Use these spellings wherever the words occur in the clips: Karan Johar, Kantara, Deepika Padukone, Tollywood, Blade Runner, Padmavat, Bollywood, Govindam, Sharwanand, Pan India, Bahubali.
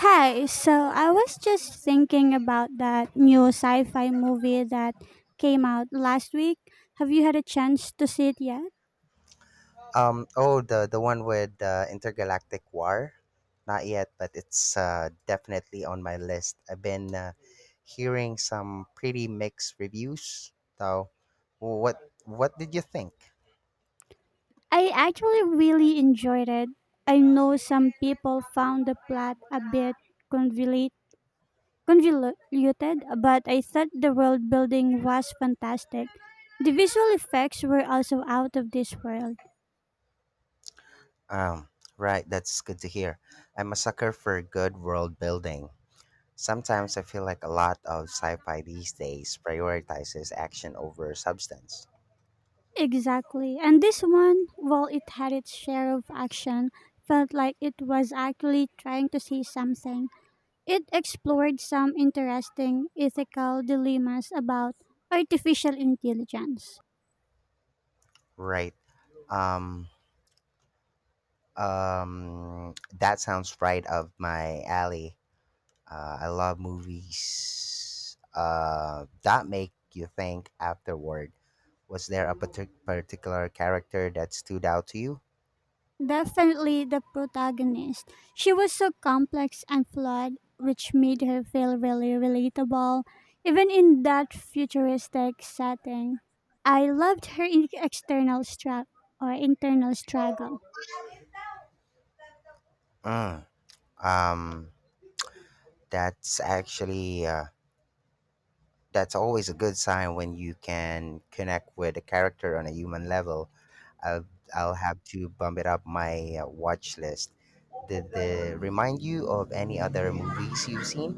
Hi, so I was just thinking about that new sci fi movie that came out last week. Have you had a chance to see it yet? Oh, the one with intergalactic war. Not yet, but it's definitely on my list. I've been hearing some pretty mixed reviews, though. What did you think? I actually really enjoyed it. I know some people found the plot a bit convolute- convoluted, but I thought the world building was fantastic. The visual effects were also out of this world. Um, right, that's good to hear. I'm a sucker for good world building. Sometimes I feel like a lot of sci-fi these days prioritizes action over substance. Exactly. And this one, while it had its share of action, felt like it was actually trying to say something. It explored some interesting ethical dilemmas about artificial intelligence. Right. Um, um, that sounds right up my alley. I love movies that make you think afterward. Was there a particular character that stood out to you? Definitely the protagonist. She was so complex and flawed, which made her feel really relatable, even in that futuristic setting. I loved her external struggle or internal struggle. Mm, um, that's actually that's always a good sign when you can connect with a character on a human level. I'll I'll have to bump it up my watch list. Did they remind you of any other movies you've seen?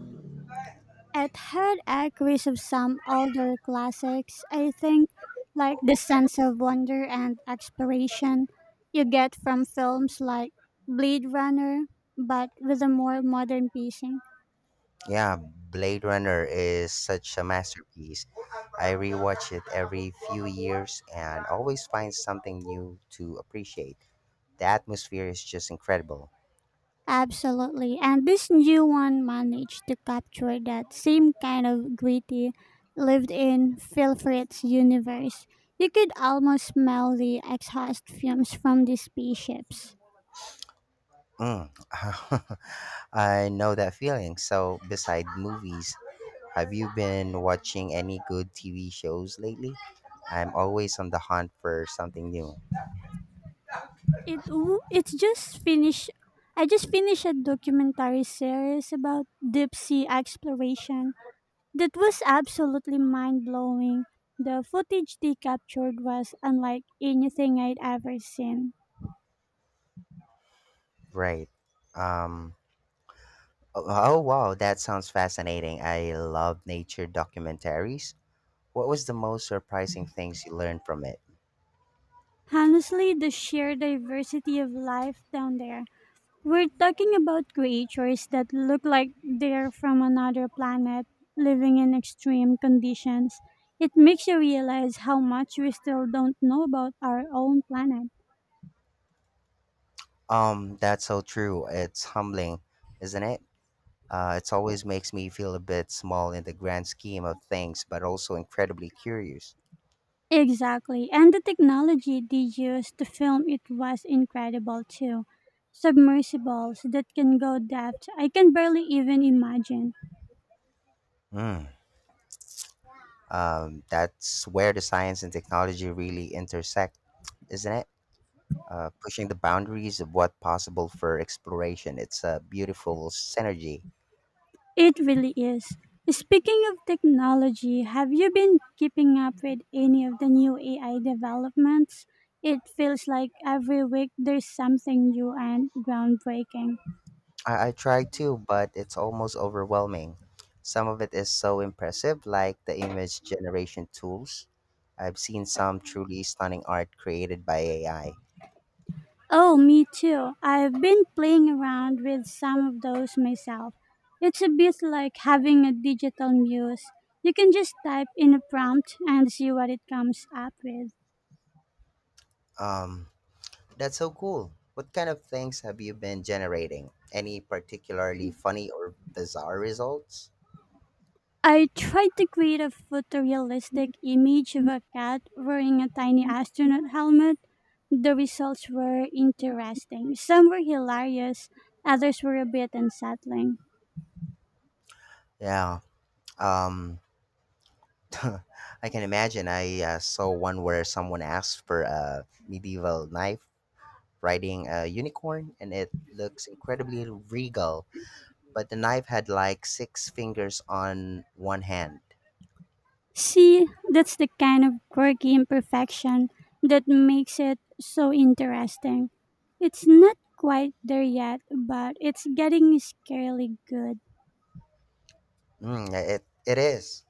It had echoes of some older classics, I think, like the sense of wonder and exploration you get from films like Blade Runner, but with a more modern pacing. Yeah, Blade Runner is such a masterpiece. I rewatch it every few years and always find something new to appreciate. The atmosphere is just incredible. Absolutely. And this new one managed to capture that same kind of gritty lived in feel for its universe. You could almost smell the exhaust fumes from the spaceships. Mm. I know that feeling. So, beside movies, have you been watching any good TV shows lately? I'm always on the hunt for something new. It's just finished. I just finished a documentary series about deep sea exploration that was absolutely mind blowing. The footage they captured was unlike anything I'd ever seen. Right. Um oh, oh, wow, that sounds fascinating. I love nature documentaries. What was the most surprising things you learned from it? Honestly, the sheer diversity of life down there. We're talking about creatures that look like they're from another planet, living in extreme conditions. It makes you realize how much we still don't know about our own planet. That's so true. It's humbling, isn't it? It always makes me feel a bit small in the grand scheme of things, but also incredibly curious. Exactly. And the technology they used to film it was incredible too. Submersibles that can go depth I can barely even imagine. Mm. That's where the science and technology really intersect, isn't it? Pushing the boundaries of what's possible for exploration. It's a beautiful synergy. It really is. Speaking of technology, have you been keeping up with any of the new AI developments? It feels like every week there's something new and groundbreaking. I try to, but it's almost overwhelming. Some of it is so impressive, like the image generation tools. I've seen some truly stunning art created by AI. Oh, me too. I've been playing around with some of those myself. It's a bit like having a digital muse. You can just type in a prompt and see what it comes up with. Um, that's so cool. What kind of things have you been generating? Any particularly funny or bizarre results? I tried to create a photorealistic image of a cat wearing a tiny astronaut helmet. The results were interesting. Some were hilarious, others were a bit unsettling. Yeah. Um, I can imagine. I saw one where someone asked for a medieval knife riding a unicorn, and it looks incredibly regal, but the knife had like six fingers on one hand. See, that's the kind of quirky imperfection that makes it so interesting. It's not quite there yet, but it's getting scarily good. It is,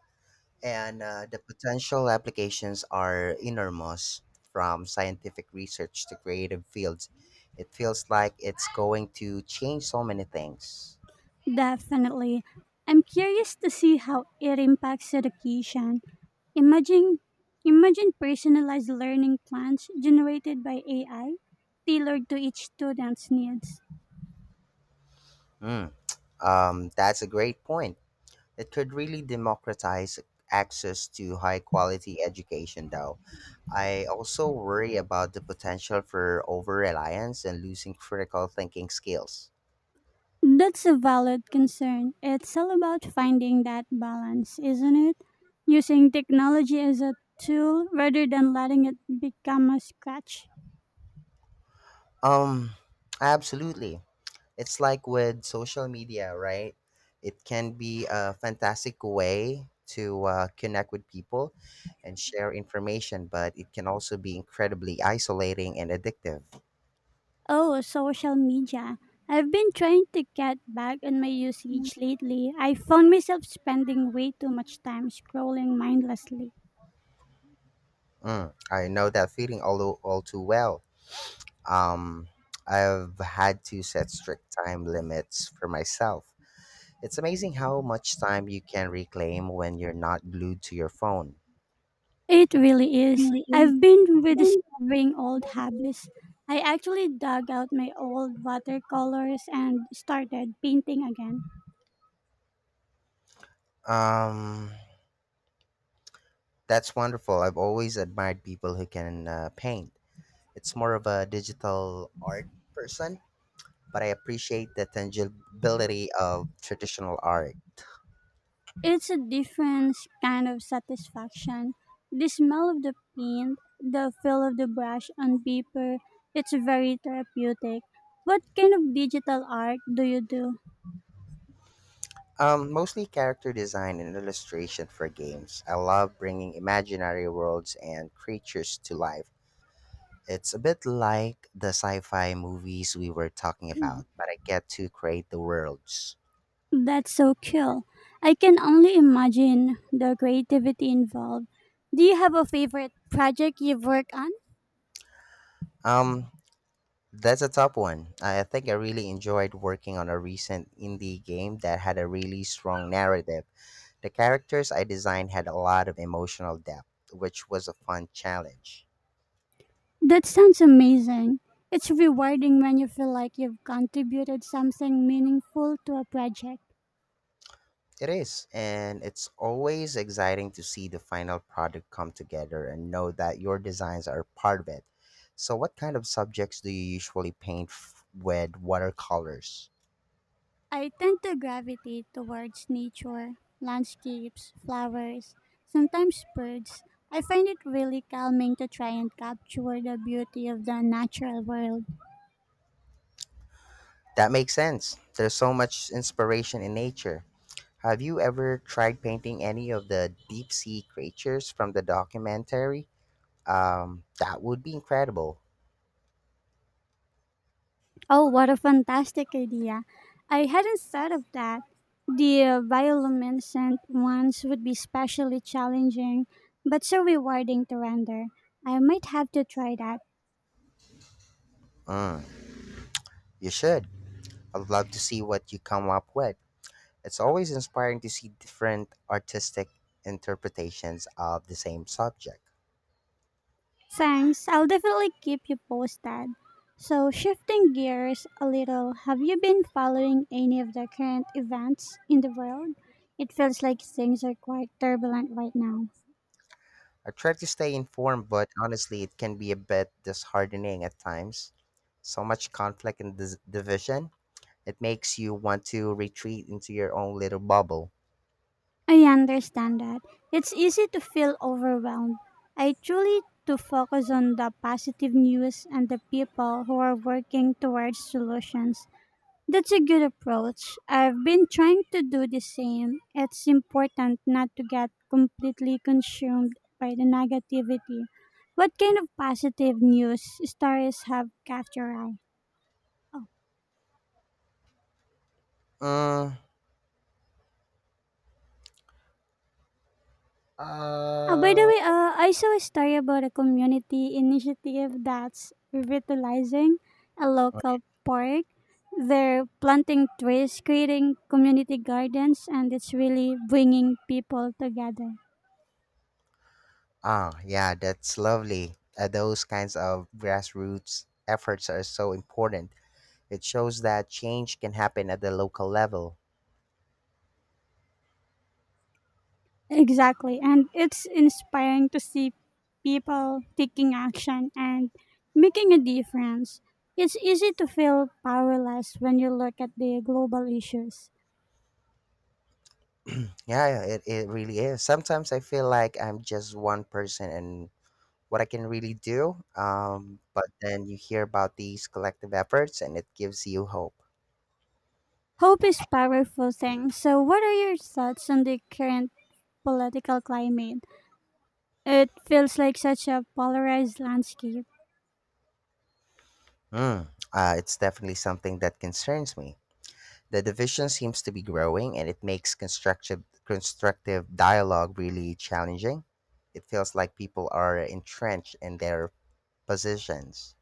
and the potential applications are enormous, from scientific research to creative fields. It feels like it's going to change so many things. Definitely. I'm curious to see how it impacts education. Imagine imagine personalized learning plans generated by AI tailored to each student's needs. Mm, that's a great point. It could really democratize access to high quality education, though. I also worry about the potential for over reliance and losing critical thinking skills. That's a valid concern. It's all about finding that balance, isn't it? Using technology as a tool rather than letting it become a crutch. Um, Absolutely. It's like with social media, right? It can be a fantastic way to connect with people and share information, but it can also be incredibly isolating and addictive. Oh, social media. I've been trying to get back on my usage lately. I found myself spending way too much time scrolling mindlessly. I know that feeling all too well. Um, I've had to set strict time limits for myself. It's amazing how much time you can reclaim when you're not glued to your phone. It really is. Really is. I've been rediscovering old habits. I actually dug out my old watercolors and started painting again. Um, that's wonderful. I've always admired people who can paint. It's more of a digital art person, but I appreciate the tangibility of traditional art. It's a different kind of satisfaction. The smell of the paint, the feel of the brush on paper, it's very therapeutic. What kind of digital art do you do? Mostly character design and illustration for games. I love bringing imaginary worlds and creatures to life. It's a bit like the sci fi movies we were talking about, but I get to create the worlds. That's so cool. I can only imagine the creativity involved. Do you have a favorite project you've worked on? Um, That's a top one. I think I really enjoyed working on a recent indie game that had a really strong narrative. The characters I designed had a lot of emotional depth, which was a fun challenge. That sounds amazing. It's rewarding when you feel like you've contributed something meaningful to a project. It is, and it's always exciting to see the final product come together and know that your designs are part of it. So, what kind of subjects do you usually with watercolors? I tend to gravitate towards nature, landscapes, flowers, sometimes birds. I find it really calming to try and capture the beauty of the natural world. That makes sense. There's so much inspiration in nature. Have you ever tried painting any of the deep sea creatures from the documentary? That would be incredible. Oh, what a fantastic idea! I hadn't thought of that. The bioluminescent ones would be especially challenging, but so rewarding to render. I might have to try that. Mm, you should. I'd love to see what you come up with. It's always inspiring to see different artistic interpretations of the same subject. Thanks, I'll definitely keep you posted. So, shifting gears a little, have you been following any of the current events in the world? It feels like things are quite turbulent right now. I try to stay informed, but honestly, it can be a bit disheartening at times. So much conflict and division, it makes you want to retreat into your own little bubble. I understand that. It's easy to feel overwhelmed. I truly to focus on the positive news and the people who are working towards solutions. That's a good approach. I've been trying to do the same. It's important not to get completely consumed by the negativity. What kind of positive news stories have caught your eye? Oh, Mm, oh by the uh, way, I saw a story about a community initiative that's revitalizing a local park. They're planting trees, creating community gardens, and it's really bringing people together. Ah, yeah, that's lovely. Those kinds of grassroots efforts are so important. It shows that change can happen at the local level. Exactly. And it's inspiring to see people taking action and making a difference. It's easy to feel powerless when you look at the global issues. Yeah, it really is. Sometimes I feel like I'm just one person and what I can really do. But then you hear about these collective efforts and it gives you hope. Hope is powerful thing. So what are your thoughts on the current political climate? It feels like such a polarized landscape. Mm, it's definitely something that concerns me. The division seems to be growing and it makes constructive dialogue really challenging. It feels like people are entrenched in their positions.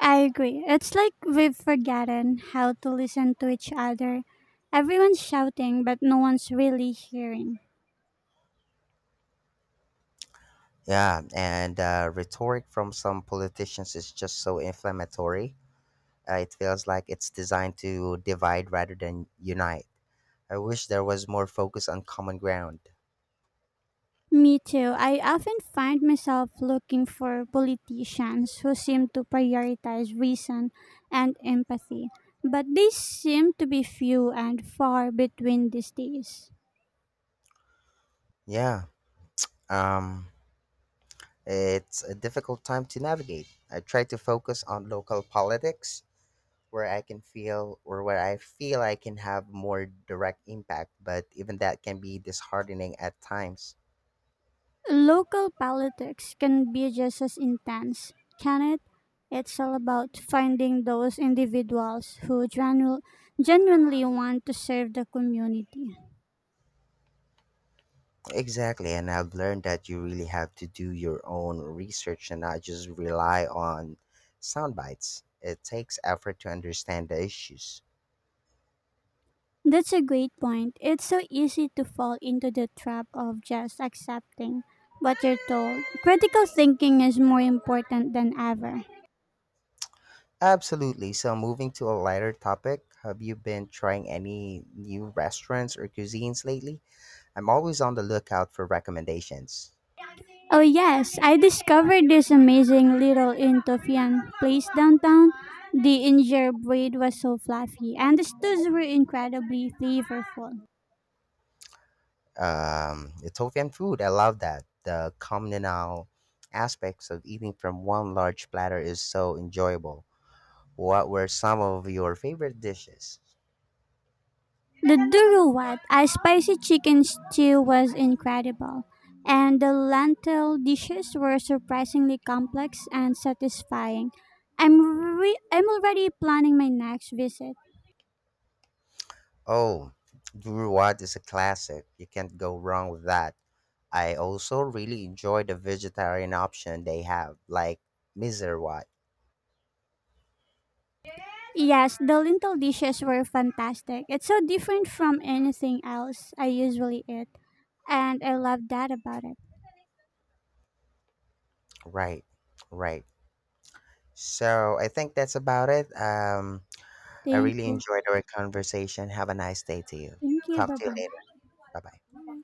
I agree. It's like we've forgotten how to listen to each other. Everyone's shouting but no one's really hearing. Yeah, and rhetoric from some politicians is just so inflammatory. It feels like it's designed to divide rather than unite. I wish there was more focus on common ground. Me too. I often find myself looking for politicians who seem to prioritize reason and empathy, but they seem to be few and far between these days. Yeah, um, it's a difficult time to navigate. I try to focus on local politics where I can feel, or where I feel I can have more direct impact, but even that can be disheartening at times. Local politics can be just as intense, can it? It's all about finding those individuals who genuinely want to serve the community. Exactly, and I've learned that you really have to do your own research and not just rely on sound bites. It takes effort to understand the issues. That's a great point. It's so easy to fall into the trap of just accepting what you're told. Critical thinking is more important than ever. Absolutely. So, moving to a lighter topic, have you been trying any new restaurants or cuisines lately? I'm always on the lookout for recommendations. Oh, yes, I discovered this amazing little Intofian place downtown. The injera bread was so fluffy, and the stews were incredibly flavorful. Ethiopian food. I love that. The communal aspects of eating from one large platter is so enjoyable. What were some of your favorite dishes? The duruwat, a spicy chicken stew, was incredible, and the lentil dishes were surprisingly complex and satisfying. I'm I'm already planning my next visit. Oh, duruat is a classic. You can't go wrong with that. I also really enjoy the vegetarian option they have, like miserwat. Yes, the lentil dishes were fantastic. It's so different from anything else I usually eat, and I love that about it. Right, right. So I think that's about it. I Thank really you. enjoyed our conversation. Have a nice day to you. Thank you. Talk Bye to you later. bye. Bye bye.